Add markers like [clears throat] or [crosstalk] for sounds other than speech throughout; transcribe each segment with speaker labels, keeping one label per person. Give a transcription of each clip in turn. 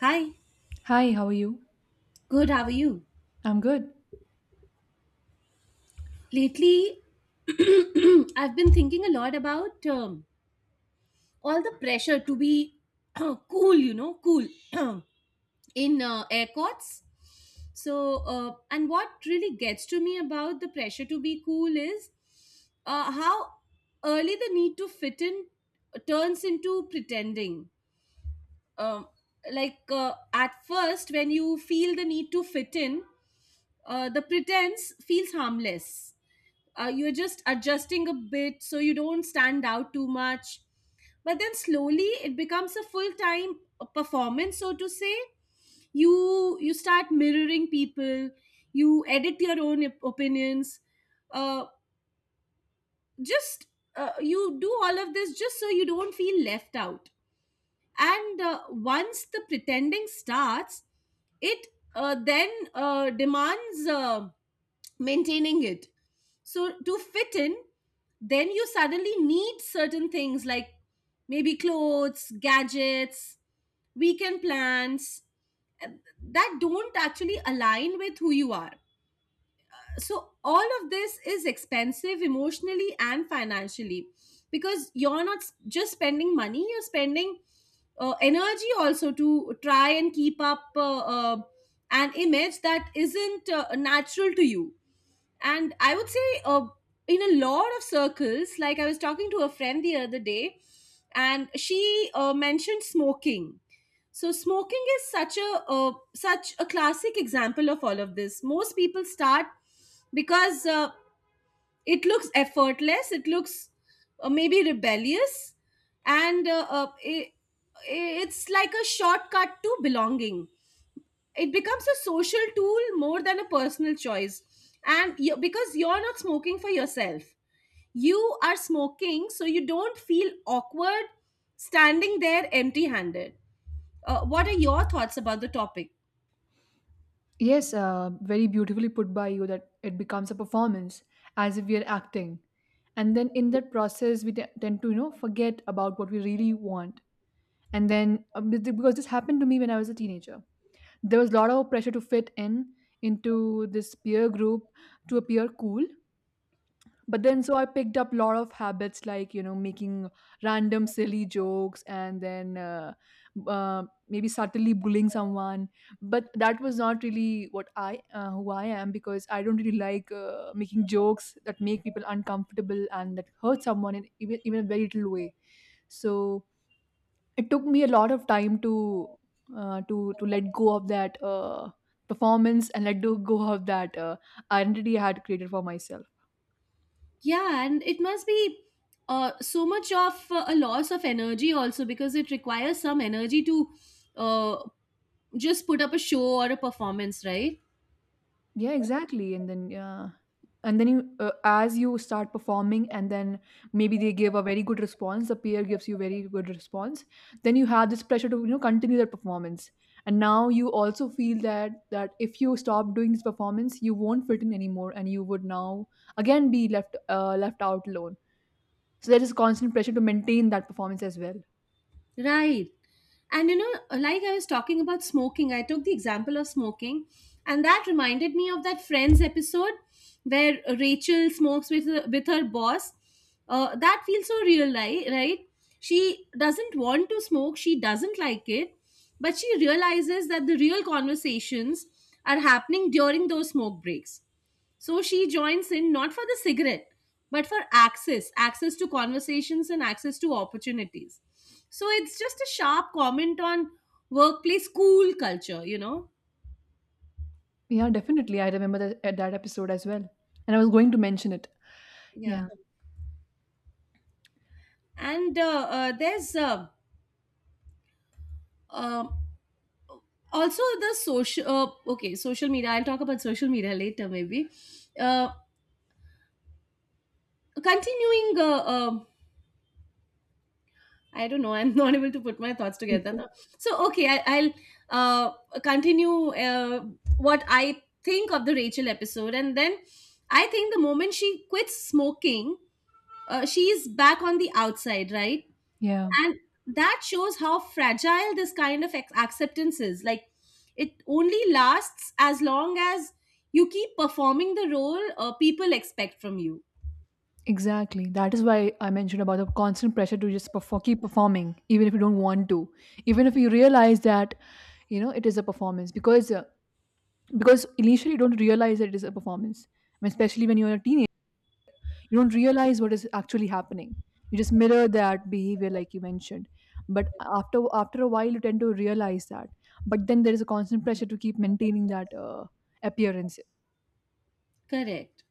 Speaker 1: Hi,
Speaker 2: Hi, how are you?
Speaker 1: good, how are you?
Speaker 2: I'm good.
Speaker 1: Lately, [clears throat] I've been thinking a lot about all the pressure to be [clears throat] cool, you know, cool [clears throat] in airports. So, and what really gets to me about the pressure to be cool is how early the need to fit in turns into pretending. Um, like, at first, when you feel the need to fit in, the pretense feels harmless. You're just adjusting a bit so you don't stand out too much, but then slowly it becomes a full time performance, so to say. You start mirroring people, you edit your own opinions. Uh, just You do all of this just so you don't feel left out. And once the pretending starts, it then demands maintaining it. So to fit in, then you suddenly need certain things like maybe clothes, gadgets, weekend plans uh, that don't actually align with who you are. So all of this is expensive emotionally and financially because you're not just spending money, you're spending energy also to try and keep up an image that isn't natural to you. And I would say, in a lot of circles, like I was talking to a friend the other day and she mentioned smoking. So smoking is such a such a classic example of all of this. Most people start because it looks effortless, it looks maybe rebellious. And it's like a shortcut to belonging. It becomes a social tool more than a personal choice. And you, because you're not smoking for yourself, you are smoking so you don't feel awkward standing there empty handed. What are your thoughts about the topic?
Speaker 2: Yes, very beautifully put by you that it becomes a performance as if we are acting. And then in that process, tend to, forget about what we really want. And then, because this happened to me when I was a teenager, there was a lot of pressure to fit in into this peer group, to appear cool. But then so I picked up a lot of habits like, you know, making random silly jokes and then uh, maybe subtly bullying someone, but that was not really what I who I am, because I don't really like making jokes that make people uncomfortable and that hurt someone in even, even a very little way. So it took me a lot of time to to let go of that performance and let go of that identity I had created for myself.
Speaker 1: Yeah, and it must be so much of a loss of energy also, because it requires some energy to uh, just put up a show or a performance, right?
Speaker 2: Yeah, exactly. And then, yeah. And then you, as you start performing, and then maybe they give a very good response. The peer gives you very good response. Then you have this pressure to, you know, continue that performance. And now you also feel that if you stop doing this performance, you won't fit in anymore, and you would now again be left left out alone. So there is constant pressure to maintain that performance as well.
Speaker 1: Right. And you know, like I was talking about smoking, I took the example of smoking, and that reminded me of that Friends episode where Rachel smokes with her boss. That feels so real, right? She doesn't want to smoke, she doesn't like it, but she realizes that the real conversations are happening during those smoke breaks. So she joins in not for the cigarette, but for access access to conversations and access to opportunities. So it's just a sharp comment on workplace, school culture, you know?
Speaker 2: Yeah, definitely. I remember that episode as well, and I was going to mention it. Yeah.
Speaker 1: Yeah. And there's uh, also the social, okay, social media. I'll talk about social media later, maybe. Uh, Continuing I don't know. [laughs] I'm not able to put my thoughts together now. So okay, I'll continue what I think of the Rachel episode, and then I think the moment she quits smoking, she's back on the outside, right?
Speaker 2: Yeah,
Speaker 1: And that shows how fragile this kind of acceptance is. Like, it only lasts as long as you keep performing the role people expect from you.
Speaker 2: exactly. That is why I mentioned about the constant pressure to just perform, keep performing, even if you don't want to, even if you realize that, you know, it is a performance because initially you don't realize that it is a performance. I mean, especially when you're a teenager, you don't realize what is actually happening. You just mirror that behavior, like you mentioned. But after a while, you tend to realize that. But then there is a constant pressure to keep maintaining that appearance.
Speaker 1: Correct.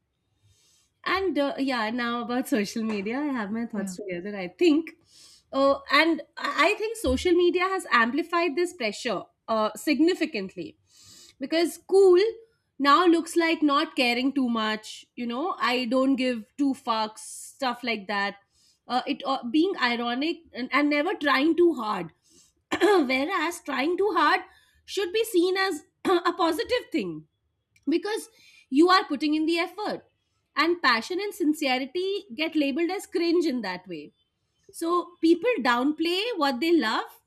Speaker 1: And yeah, now about social media I have my
Speaker 2: Yeah.
Speaker 1: thoughts together, I think. And I think social media has amplified this pressure significantly, because cool now looks like not caring too much, you know, I don't give two fucks, stuff like that. It being ironic, and never trying too hard. [clears throat] Whereas trying too hard should be seen as [clears throat] a positive thing, because you are putting in the effort. And passion and sincerity get labeled as cringe in that way. So people downplay what they love,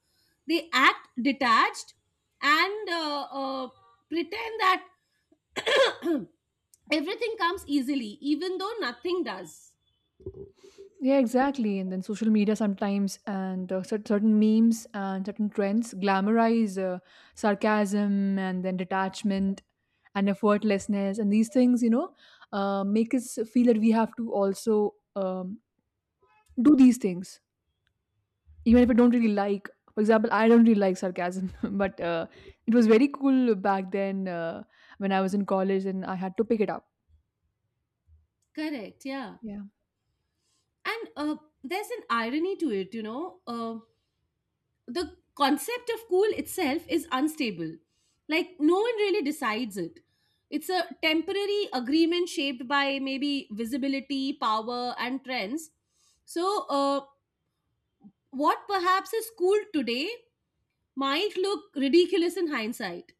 Speaker 1: they act detached, and pretend that everything comes easily, even though nothing does.
Speaker 2: Yeah, exactly. And then social media sometimes, and certain memes and certain trends glamorize sarcasm and then detachment and effortlessness. And these things, you know, make us feel that we have to also do these things, even if I don't really like. For example, I don't really like sarcasm, [laughs] but it was very cool back then when I was in college and I had to pick it up.
Speaker 1: Correct, yeah.
Speaker 2: Yeah.
Speaker 1: And there's an irony to it, you know, the concept of cool itself is unstable. Like, no one really decides it. It's a temporary agreement shaped by maybe visibility, power, and trends. So, what perhaps is cool today might look ridiculous in hindsight.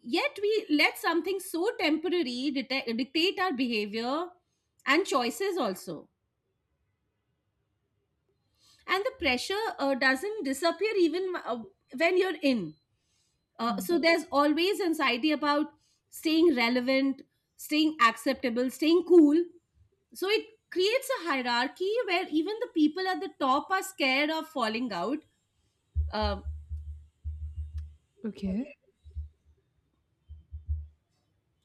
Speaker 1: Yet, we let something so temporary dictate our behavior and choices also. And the pressure doesn't disappear even when you're in.
Speaker 2: Mm.
Speaker 1: So there's always anxiety about staying relevant, staying acceptable, staying cool. So it creates a hierarchy where even the people at the top are scared of falling out. Um
Speaker 2: Okay.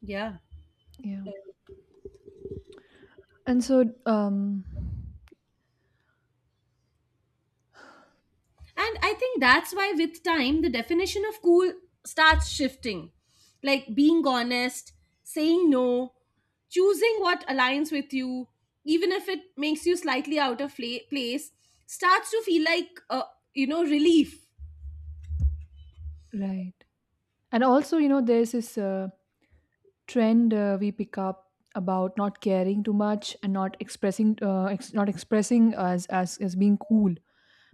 Speaker 1: yeah.
Speaker 2: Yeah. And so,
Speaker 1: And I think that's why, with time, the definition of cool starts shifting. Like being honest, saying no, choosing what aligns with you, even if it makes you slightly out of place, starts to feel like, you know, relief.
Speaker 2: right. And also, you know, there's this trend we pick up about not caring too much and not expressing, not expressing as being cool.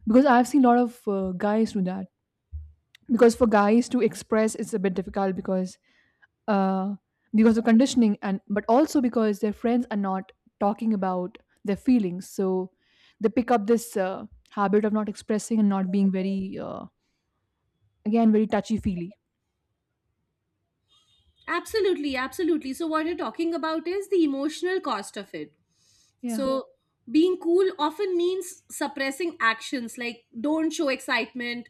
Speaker 2: Because I've seen a lot of guys do that. Because for guys to express, it's a bit difficult uh, because of conditioning and but also because their friends are not talking about their feelings, so they pick up this habit of not expressing and not being very again very touchy feely.
Speaker 1: Absolutely, absolutely. So, what you're talking about is the emotional cost of it.
Speaker 2: Yeah,
Speaker 1: So, being cool often means suppressing actions like don't show excitement,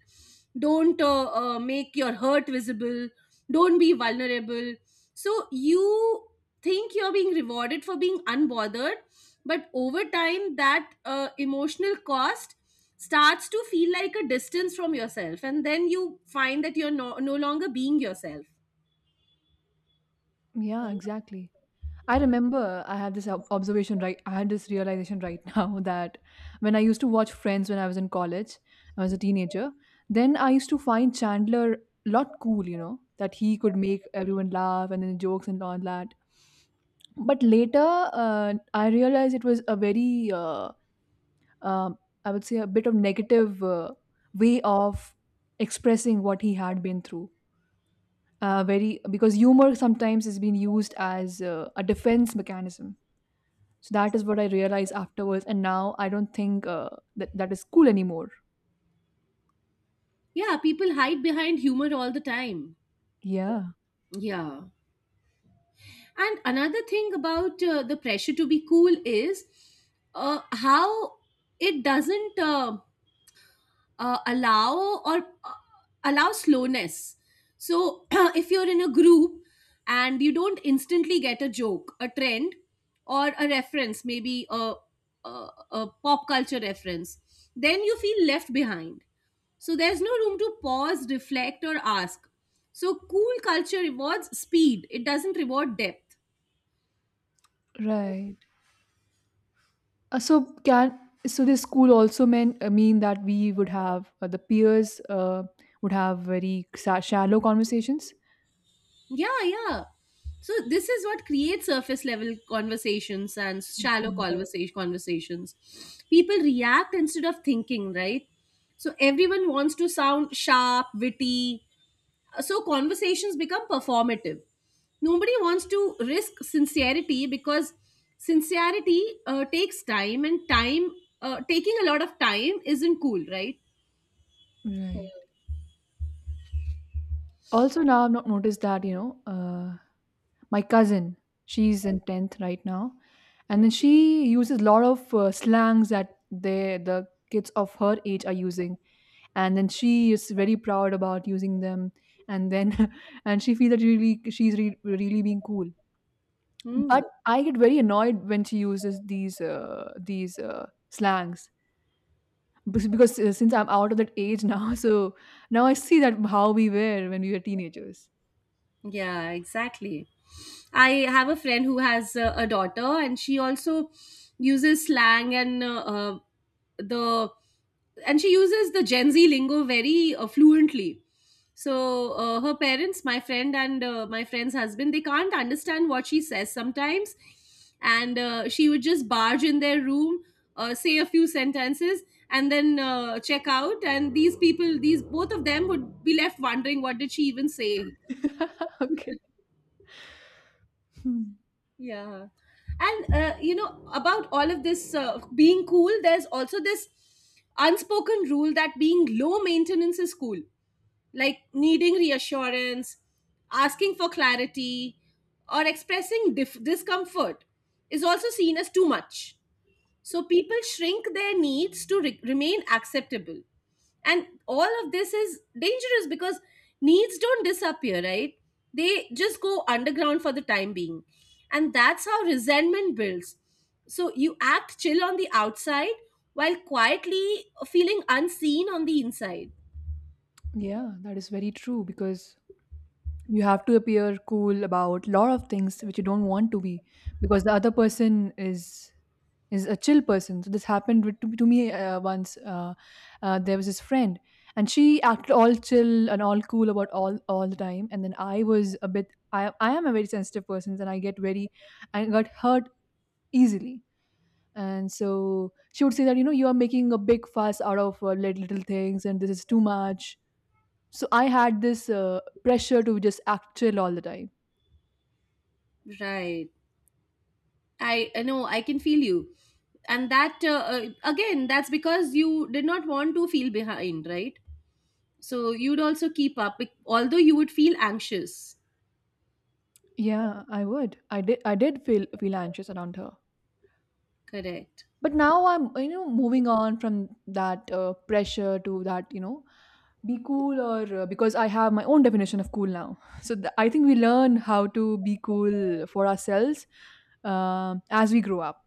Speaker 1: don't make your hurt visible, don't be vulnerable. So, you think you're being rewarded for being unbothered, but over time, that emotional cost starts to feel like a distance from yourself, and then you find that you're no longer being yourself.
Speaker 2: yeah, exactly. I remember I had this observation, right? I had this realization, right? [laughs] Now that when I used to watch Friends when I was in college, I was a teenager, then I used to find Chandler lot cool, you know, that he could make everyone laugh and then jokes and all that. But later I realized it was a very um I would say a bit of negative way of expressing what he had been through. Very because humor sometimes has been used as a defense mechanism. So that is what I realized afterwards, and now I don't think that that is cool anymore.
Speaker 1: Yeah, people hide behind humor all the time.
Speaker 2: Yeah,
Speaker 1: Yeah. And another thing about the pressure to be cool is how it doesn't allow or uh, allow slowness. So [clears throat] if you're in a group and you don't instantly get a joke, a trend, or a reference, maybe a pop culture reference, then you feel left behind. So there's no room to pause, reflect, or ask. So cool culture rewards speed, it doesn't reward depth.
Speaker 2: right. Uh, so can so this school also mean that we would have the peers would have very shallow conversations.
Speaker 1: Yeah, yeah. So this is what creates surface level conversations and shallow
Speaker 2: Mm.
Speaker 1: conversations. People react instead of thinking, right? So everyone wants to sound sharp, witty. So conversations become performative. Nobody wants to risk sincerity because sincerity takes time, and time taking a lot of time isn't cool, right?
Speaker 2: Right. Also, now I've not noticed that, you know, my cousin, she's in tenth right now, and then she uses a lot of slangs that they the kids of her age are using, and then she is very proud about using them, and then [laughs] and she feels that really really being cool,
Speaker 1: Hmm.
Speaker 2: but I get very annoyed when she uses these slangs. Because since I'm out of that age now, [laughs] so now I see that how we were when we were teenagers.
Speaker 1: Yeah, exactly. I have a friend who has a daughter, and she also uses slang and the and she uses the Gen Z lingo very fluently. So her parents, my friend and my friend's husband, they can't understand what she says sometimes, and she would just barge in their room, say a few sentences, and then check out. And these people, these both of them, would be left wondering what did she even say.
Speaker 2: [laughs] Okay. Hmm.
Speaker 1: Yeah. And, you know, about all of this being cool, there's also this unspoken rule that being low maintenance is cool, like needing reassurance, asking for clarity, or expressing discomfort is also seen as too much. So people shrink their needs to remain acceptable. And all of this is dangerous because needs don't disappear, right? They just go underground for the time being. And that's how resentment builds. So you act chill on the outside while quietly feeling unseen on the inside.
Speaker 2: Yeah, that is very true because you have to appear cool about lot of things which you don't want to be, because the other person is a chill person. So this happened with, to me once. There was this friend and she acted all chill and all cool about all the time, and then I was a bit I am a very sensitive person and I get very I got hurt easily. And so she would say that, you know, you are making a big fuss out of little things and this is too much. So I had this pressure to just act chill all the time.
Speaker 1: Right. I know, I can feel you. And that, again, that's because you did not want to feel behind, right? So you'd also keep up, although you would feel anxious.
Speaker 2: Yeah, I would. I did. I did feel anxious around her,
Speaker 1: Correct.
Speaker 2: but now I'm, you know, moving on from that pressure to that, you know, be cool or because I have my own definition of cool now. [laughs] So I think we learn how to be cool for ourselves as we grow up.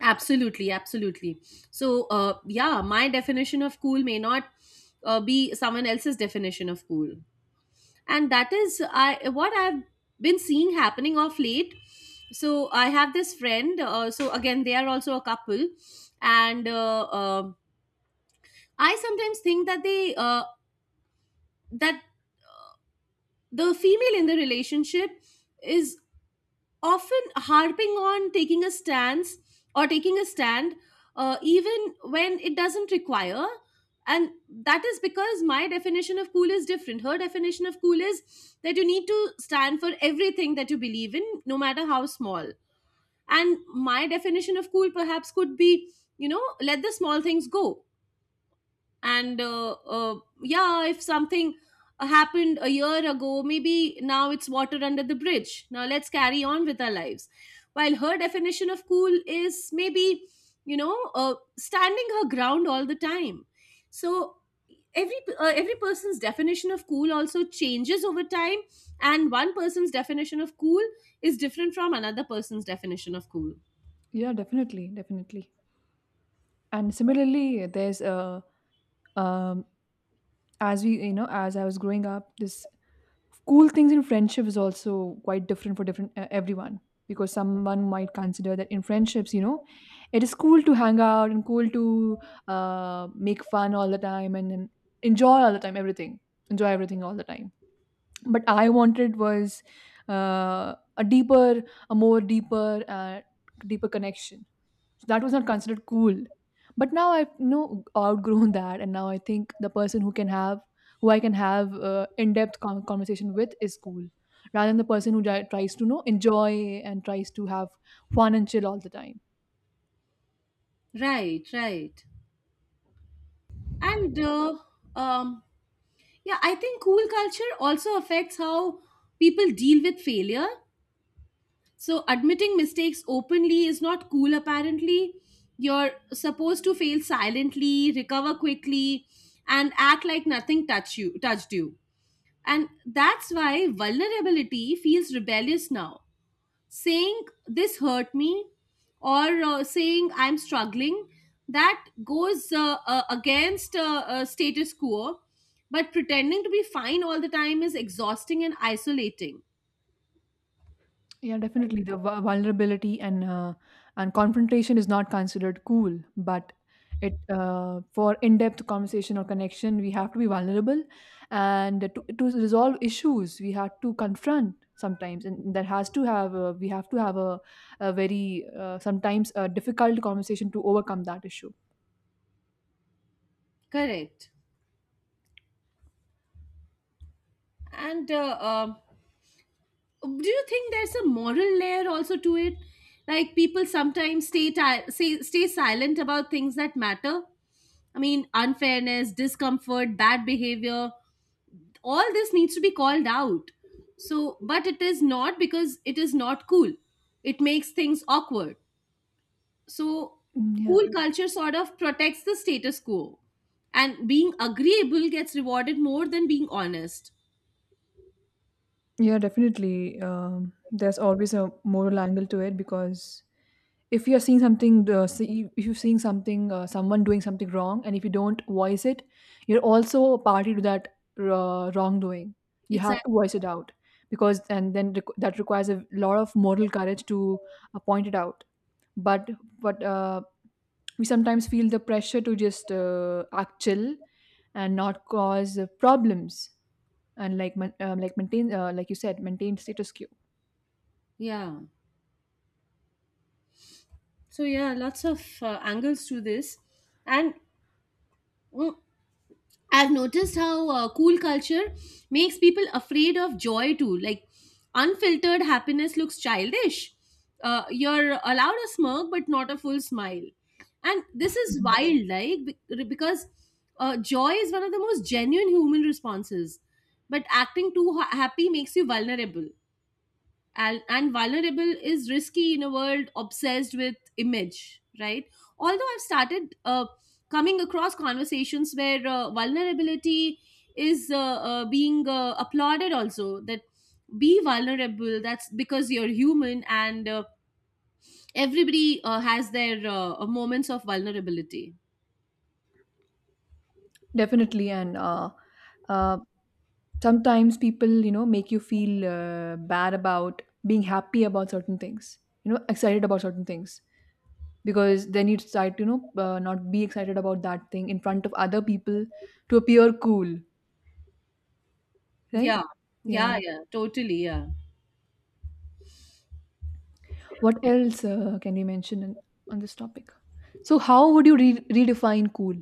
Speaker 1: Absolutely, absolutely. So, yeah, my definition of cool may not be someone else's definition of cool, and that is I what I've been seeing happening off late. So I have this friend. So again, they are also a couple, and I sometimes think that that the female in the relationship is often harping on taking a stance or taking a stand, even when it doesn't require. And that is because my definition of cool is different, her definition of cool is that you need to stand for everything that you believe in, no matter how small. And my definition of cool perhaps could be, you know, let the small things go, and yeah, if something happened a year ago, maybe now it's water under the bridge, now let's carry on with our lives. While her definition of cool is maybe, you know, standing her ground all the time. So every person's definition of cool also changes over time, and one person's definition of cool is different from another person's definition of cool.
Speaker 2: Yeah, definitely, definitely. And similarly, there's a um, as we you know, as I was growing up, this cool things in friendship is also quite different for different everyone, because someone might consider that in friendships, you know, it is cool to hang out and cool to make fun all the time and enjoy all the time everything, enjoy everything all the time. But I wanted was a deeper, a more deeper deeper connection. That was not considered cool. But now I've, you know, outgrown that, and now I think the person who can have, who I can have in-depth conversation with is cool, rather than the person who tries to, you know, enjoy and tries to have fun and chill all the time.
Speaker 1: Right, right. And um yeah, I think cool culture also affects how people deal with failure. So, admitting mistakes openly is not cool, apparently. You're supposed to fail silently, recover quickly, and act like nothing touched you. And that's why vulnerability feels rebellious now, saying this hurt me, or saying I'm struggling. That goes against status quo, but pretending to be fine all the time is exhausting and isolating.
Speaker 2: Yeah, definitely. The vulnerability and confrontation is not considered cool, but it for in-depth conversation or connection, we have to be vulnerable, and to resolve issues, we have to confront sometimes, and that has to have a, we have to have a very sometimes a difficult conversation to overcome that issue.
Speaker 1: Correct. And Do you think there's a moral layer also to it, like people sometimes stay silent about things that matter? I mean, unfairness, discomfort, bad behavior, all this needs to be called out. So, but it is not, because it is not cool, it makes things awkward. So
Speaker 2: Mm. Yeah,
Speaker 1: cool culture sort of protects the status quo, and being agreeable gets rewarded more than being honest.
Speaker 2: yeah, definitely. There's always a moral angle to it, because if you're seeing something if you're seeing something someone doing something wrong, and if you don't voice it, you're also a party to that wrongdoing. You have
Speaker 1: Exactly.
Speaker 2: to voice it out, because and then that requires a lot of moral courage to point it out. But but uh, we sometimes feel the pressure to just act chill and not cause problems, and like maintain like you said, maintain status quo.
Speaker 1: Yeah, so yeah, lots of angles to this. And mm, I've noticed how cool culture makes people afraid of joy too. Like unfiltered happiness looks childish. You're allowed a smirk, but not a full smile. And this is
Speaker 2: Mhm.
Speaker 1: wild, like because joy is one of the most genuine human responses. But acting too happy makes you vulnerable, and vulnerable is risky in a world obsessed with image, right? Although I've started coming across conversations where vulnerability is being applauded also, that be vulnerable, that's because you're human, and everybody has their moments of vulnerability.
Speaker 2: Definitely. And uh, sometimes people, you know, make you feel bad about being happy about certain things, you know, excited about certain things. Because then you decide to, you know, not be excited about that thing in front of other people to appear cool, right?
Speaker 1: Yeah,
Speaker 2: Yeah.
Speaker 1: yeah, yeah, totally, yeah.
Speaker 2: What else can we mention in, on this topic? So how would you redefine cool?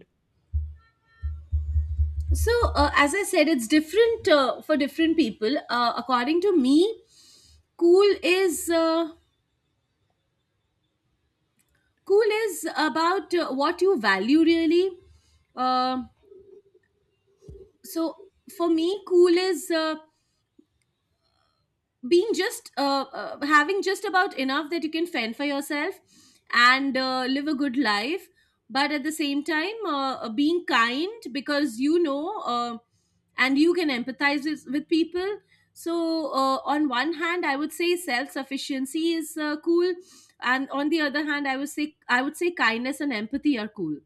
Speaker 1: So as I said, it's different for different people. According to me, cool is uh, cool is about what you value really. Uh, so for me, cool is being just having just about enough that you can fend for yourself and live a good life, but at the same time being kind, because you know and you can empathize with people. So on one hand I would say self sufficiency is cool, and on the other hand I would say kindness and empathy are cool.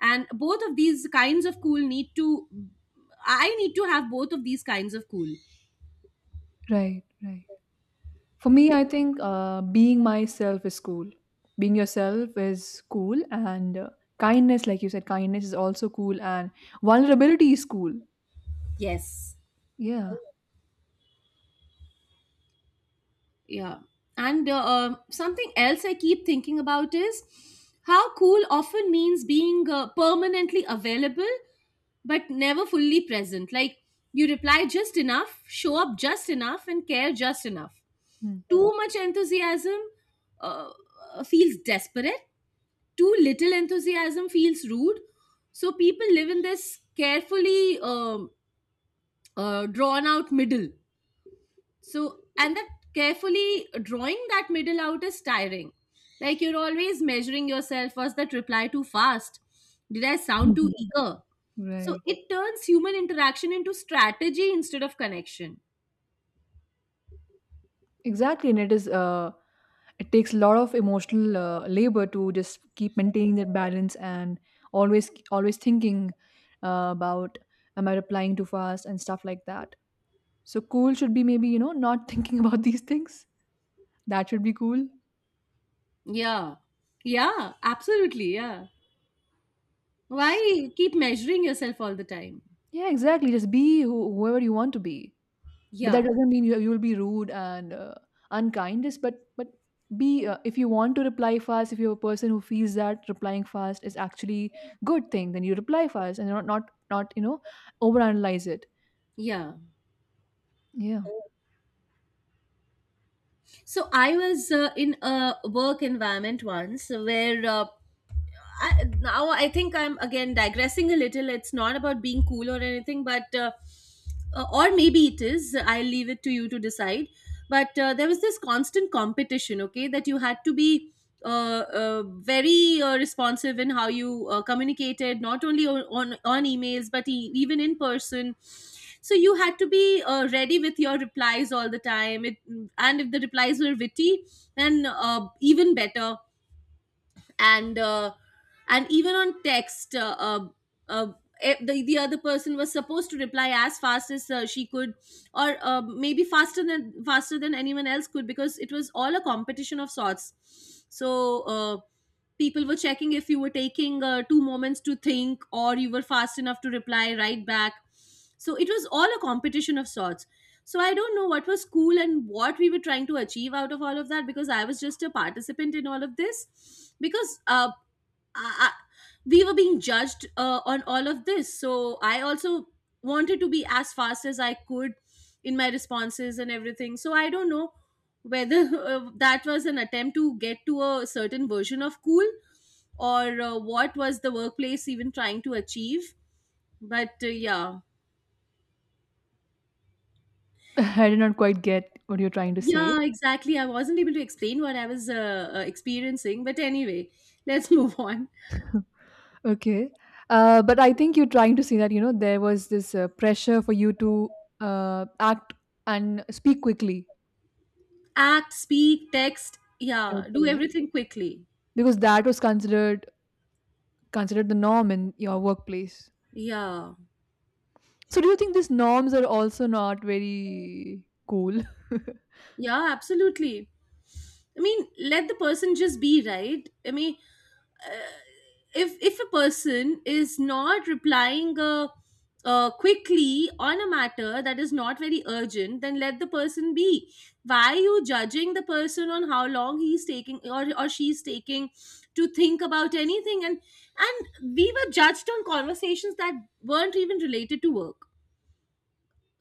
Speaker 1: And both of these kinds of cool need to I need to have both of these kinds of cool.
Speaker 2: Right, right. For me, I think being myself is cool. Being yourself is cool, and kindness, like you said, kindness is also cool, and vulnerability is cool.
Speaker 1: Yes.
Speaker 2: Yeah.
Speaker 1: Yeah. And something else I keep thinking about is how cool often means being permanently available but never fully present. Like you reply just enough, show up just enough, and care just enough.
Speaker 2: Mm.
Speaker 1: Too much enthusiasm uh, feels desperate, too little enthusiasm feels rude. So people live in this carefully drawn out middle. So, and that carefully drawing that middle out is tiring. Like you're always measuring yourself, was that reply too fast? Did I sound too
Speaker 2: Mhm.
Speaker 1: eager? So,
Speaker 2: Right.
Speaker 1: it turns human interaction into strategy instead of connection.
Speaker 2: Exactly, and it is. It takes a lot of emotional labor to just keep maintaining that balance and always thinking about am I replying too fast and stuff like that. So cool should be maybe, you know, not [laughs] thinking about these things. That should be cool.
Speaker 1: Yeah. Yeah, absolutely. Yeah. Why keep measuring yourself all the time?
Speaker 2: Yeah, exactly. Just be whoever you want to be, but that
Speaker 1: Yeah.
Speaker 2: doesn't mean you will be rude and unkind. Just but be if you want to reply fast. If you're a person who feels that replying fast is actually good thing, then you reply fast and not you know overanalyze it.
Speaker 1: Yeah.
Speaker 2: Yeah,
Speaker 1: So I was in a work environment once where I, now I think I'm again digressing a little. It's not about being cool or anything, but or maybe it is. I'll leave it to you to decide. But there was this constant competition, okay, that you had to be very responsive in how you communicated, not only on emails, but even in person. So you had to be ready with your replies all the time. It, and if the replies were witty, then even better. And and even on text uh, the other person was supposed to reply as fast as she could, or maybe faster than anyone else could, because it was all a competition of sorts. So people were checking if you were taking two moments to think or you were fast enough to reply right back. So it was all a competition of sorts. So I don't know what was cool and what we were trying to achieve out of all of that, because I was just a participant in all of this. Because I, I, we were being judged on all of this. So I also wanted to be as fast as I could in my responses and everything. So I don't know whether [laughs] that was an attempt to get to a certain version of cool, or what was the workplace even trying to achieve. But yeah.
Speaker 2: [laughs] I did not quite get what you're trying to say.
Speaker 1: Yeah, exactly. I wasn't able to explain what I was experiencing, but anyway, let's [laughs] move on.
Speaker 2: Okay, but I think you're trying to say that, you know, there was this pressure for you to act and speak quickly.
Speaker 1: Act, speak, text. Yeah, do
Speaker 2: Okay.
Speaker 1: everything quickly.
Speaker 2: Because that was considered the norm in your workplace.
Speaker 1: Yeah,
Speaker 2: So, do you think these norms are also not very cool?
Speaker 1: yeah, absolutely. I mean, let the person just be, right? I mean, if a person is not replying quickly on a matter that is not very urgent, then let the person be. Why are you judging the person on how long he's taking, or she's taking to think about anything? And we were judged on conversations that weren't even related to work.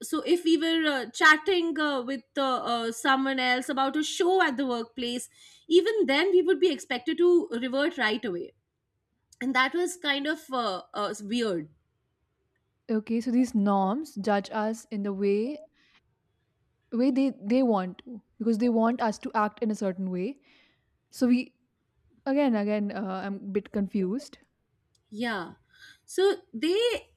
Speaker 1: So if we were chatting with someone else about a show at the workplace, even then we would be expected to revert right away, and that was kind of weird.
Speaker 2: [laughs] Okay, so these norms judge us in the way they want to because they want us to act in a certain way. So we again again I'm a bit confused.
Speaker 1: Yeah, so they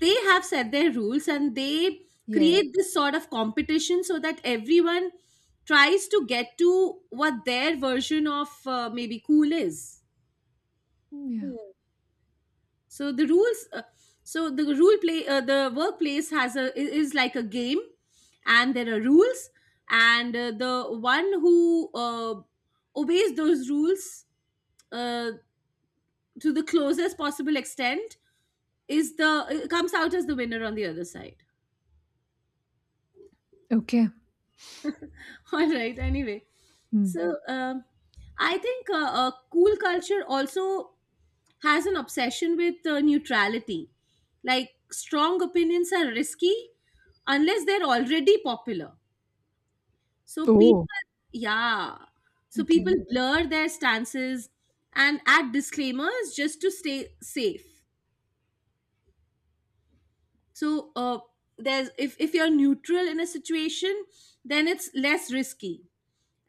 Speaker 1: have set their rules, and they
Speaker 2: Yeah.
Speaker 1: create this sort of competition so that everyone tries to get to what their version of maybe cool is.
Speaker 2: Mm, yeah.
Speaker 1: So the rules so the rule play the workplace is like a game, and there are rules, and the one who obeys those rules uh, to the closest possible extent is the it comes out as the winner on the other side.
Speaker 2: Okay.
Speaker 1: [laughs] All right, anyway,
Speaker 2: Hmm.
Speaker 1: so I think cool culture also has an obsession with neutrality. Like strong opinions are risky unless they're already popular. So
Speaker 2: Oh,
Speaker 1: people, yeah, so people
Speaker 2: okay.
Speaker 1: blur their stances and add disclaimers just to stay safe. So there's, if, you're neutral in a situation, then it's less risky,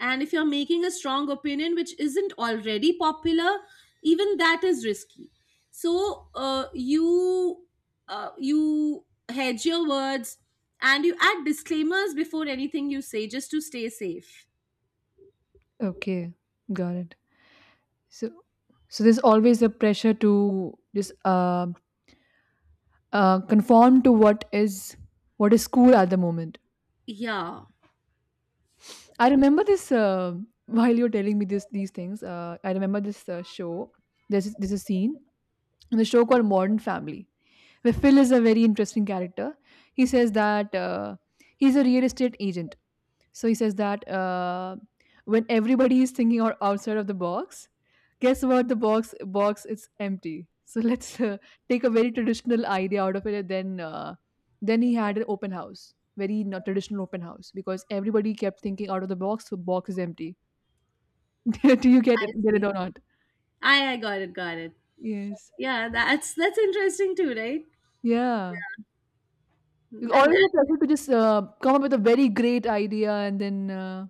Speaker 1: and if you're making a strong opinion which isn't already popular, even that is risky. So you you hedge your words, and you add disclaimers before anything you say just to stay safe.
Speaker 2: Okay, got it. So so there's always a pressure to just conform to what is cool at the moment.
Speaker 1: Yeah,
Speaker 2: I remember this while you're telling me this these things. I remember this show. There's a scene in the show called Modern Family. Phil is a very interesting character. He says that he's a real estate agent. So he says that when everybody is thinking out outside of the box, guess what? The box is empty. So [laughs] let's take a very traditional idea out of it. And then he had an open house, very not traditional open house, because everybody kept thinking out of the box. So box is empty. [laughs] Do you get
Speaker 1: I
Speaker 2: it? Get it
Speaker 1: see.
Speaker 2: or not?
Speaker 1: I got it, got it.
Speaker 2: Yes.
Speaker 1: Yeah, that's interesting too, right?
Speaker 2: Yeah.
Speaker 1: and,
Speaker 2: It's
Speaker 1: and
Speaker 2: always a pleasure to just come up with a very great idea, and then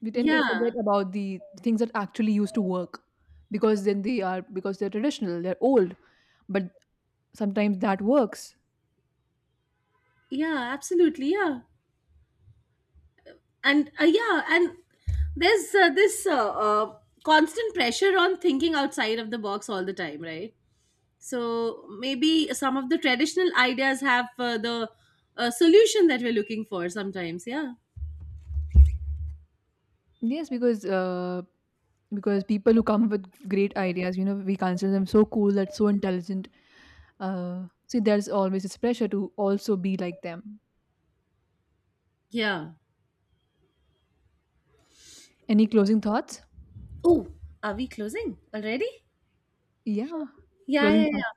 Speaker 2: we tend to
Speaker 1: yeah,
Speaker 2: forget about the things that actually used to work because then they are because they're traditional, they're old, but sometimes that works.
Speaker 1: yeah, absolutely, yeah. And yeah, and there's this constant pressure on thinking outside of the box all the time, right? So maybe some of the traditional ideas have the solution that we're looking for sometimes, yeah.
Speaker 2: Yes, because people who come up with great ideas, you know, we consider them so cool, that's so intelligent. See, there's always this pressure to also be like them.
Speaker 1: Yeah.
Speaker 2: Any closing thoughts?
Speaker 1: Oh, are we closing already?
Speaker 2: Yeah,
Speaker 1: Yeah,
Speaker 2: closing
Speaker 1: yeah,
Speaker 2: thoughts.
Speaker 1: yeah.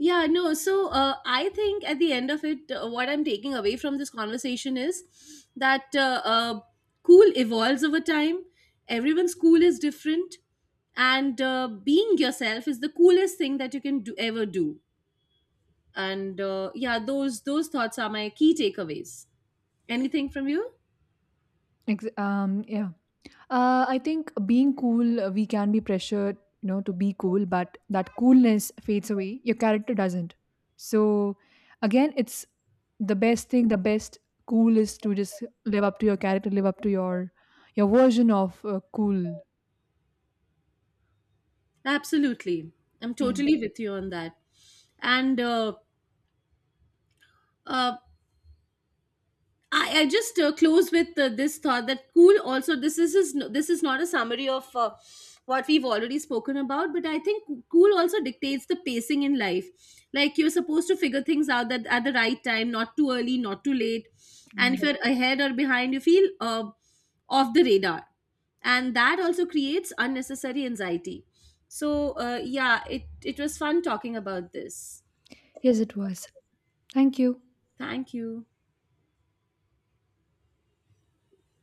Speaker 1: Yeah, no. So I think at the end of it, what I'm taking away from this conversation is that cool evolves over time. Everyone's cool is different, and being yourself is the coolest thing that you can do, ever do. And yeah, those thoughts are my key takeaways. Anything from you?
Speaker 2: Yeah. I think being cool, we can be pressured, you know, to be cool, but that coolness fades away. Your character doesn't. So, again, it's the best thing. The best cool is to just live up to your character, live up to your version of cool.
Speaker 1: Absolutely, I'm
Speaker 2: Yeah,
Speaker 1: totally with you on that. And uh, I just close with this thought that cool also, is this is not a summary of what we've already spoken about, but I think cool also dictates the pacing in life. Like you're supposed to figure things out that at the right time, not too early, not too late. And
Speaker 2: yeah.
Speaker 1: if you're ahead or behind, you feel off the radar, and that also creates unnecessary anxiety. So yeah, it was fun talking about this.
Speaker 2: Yes, it was. Thank you.
Speaker 1: Thank you.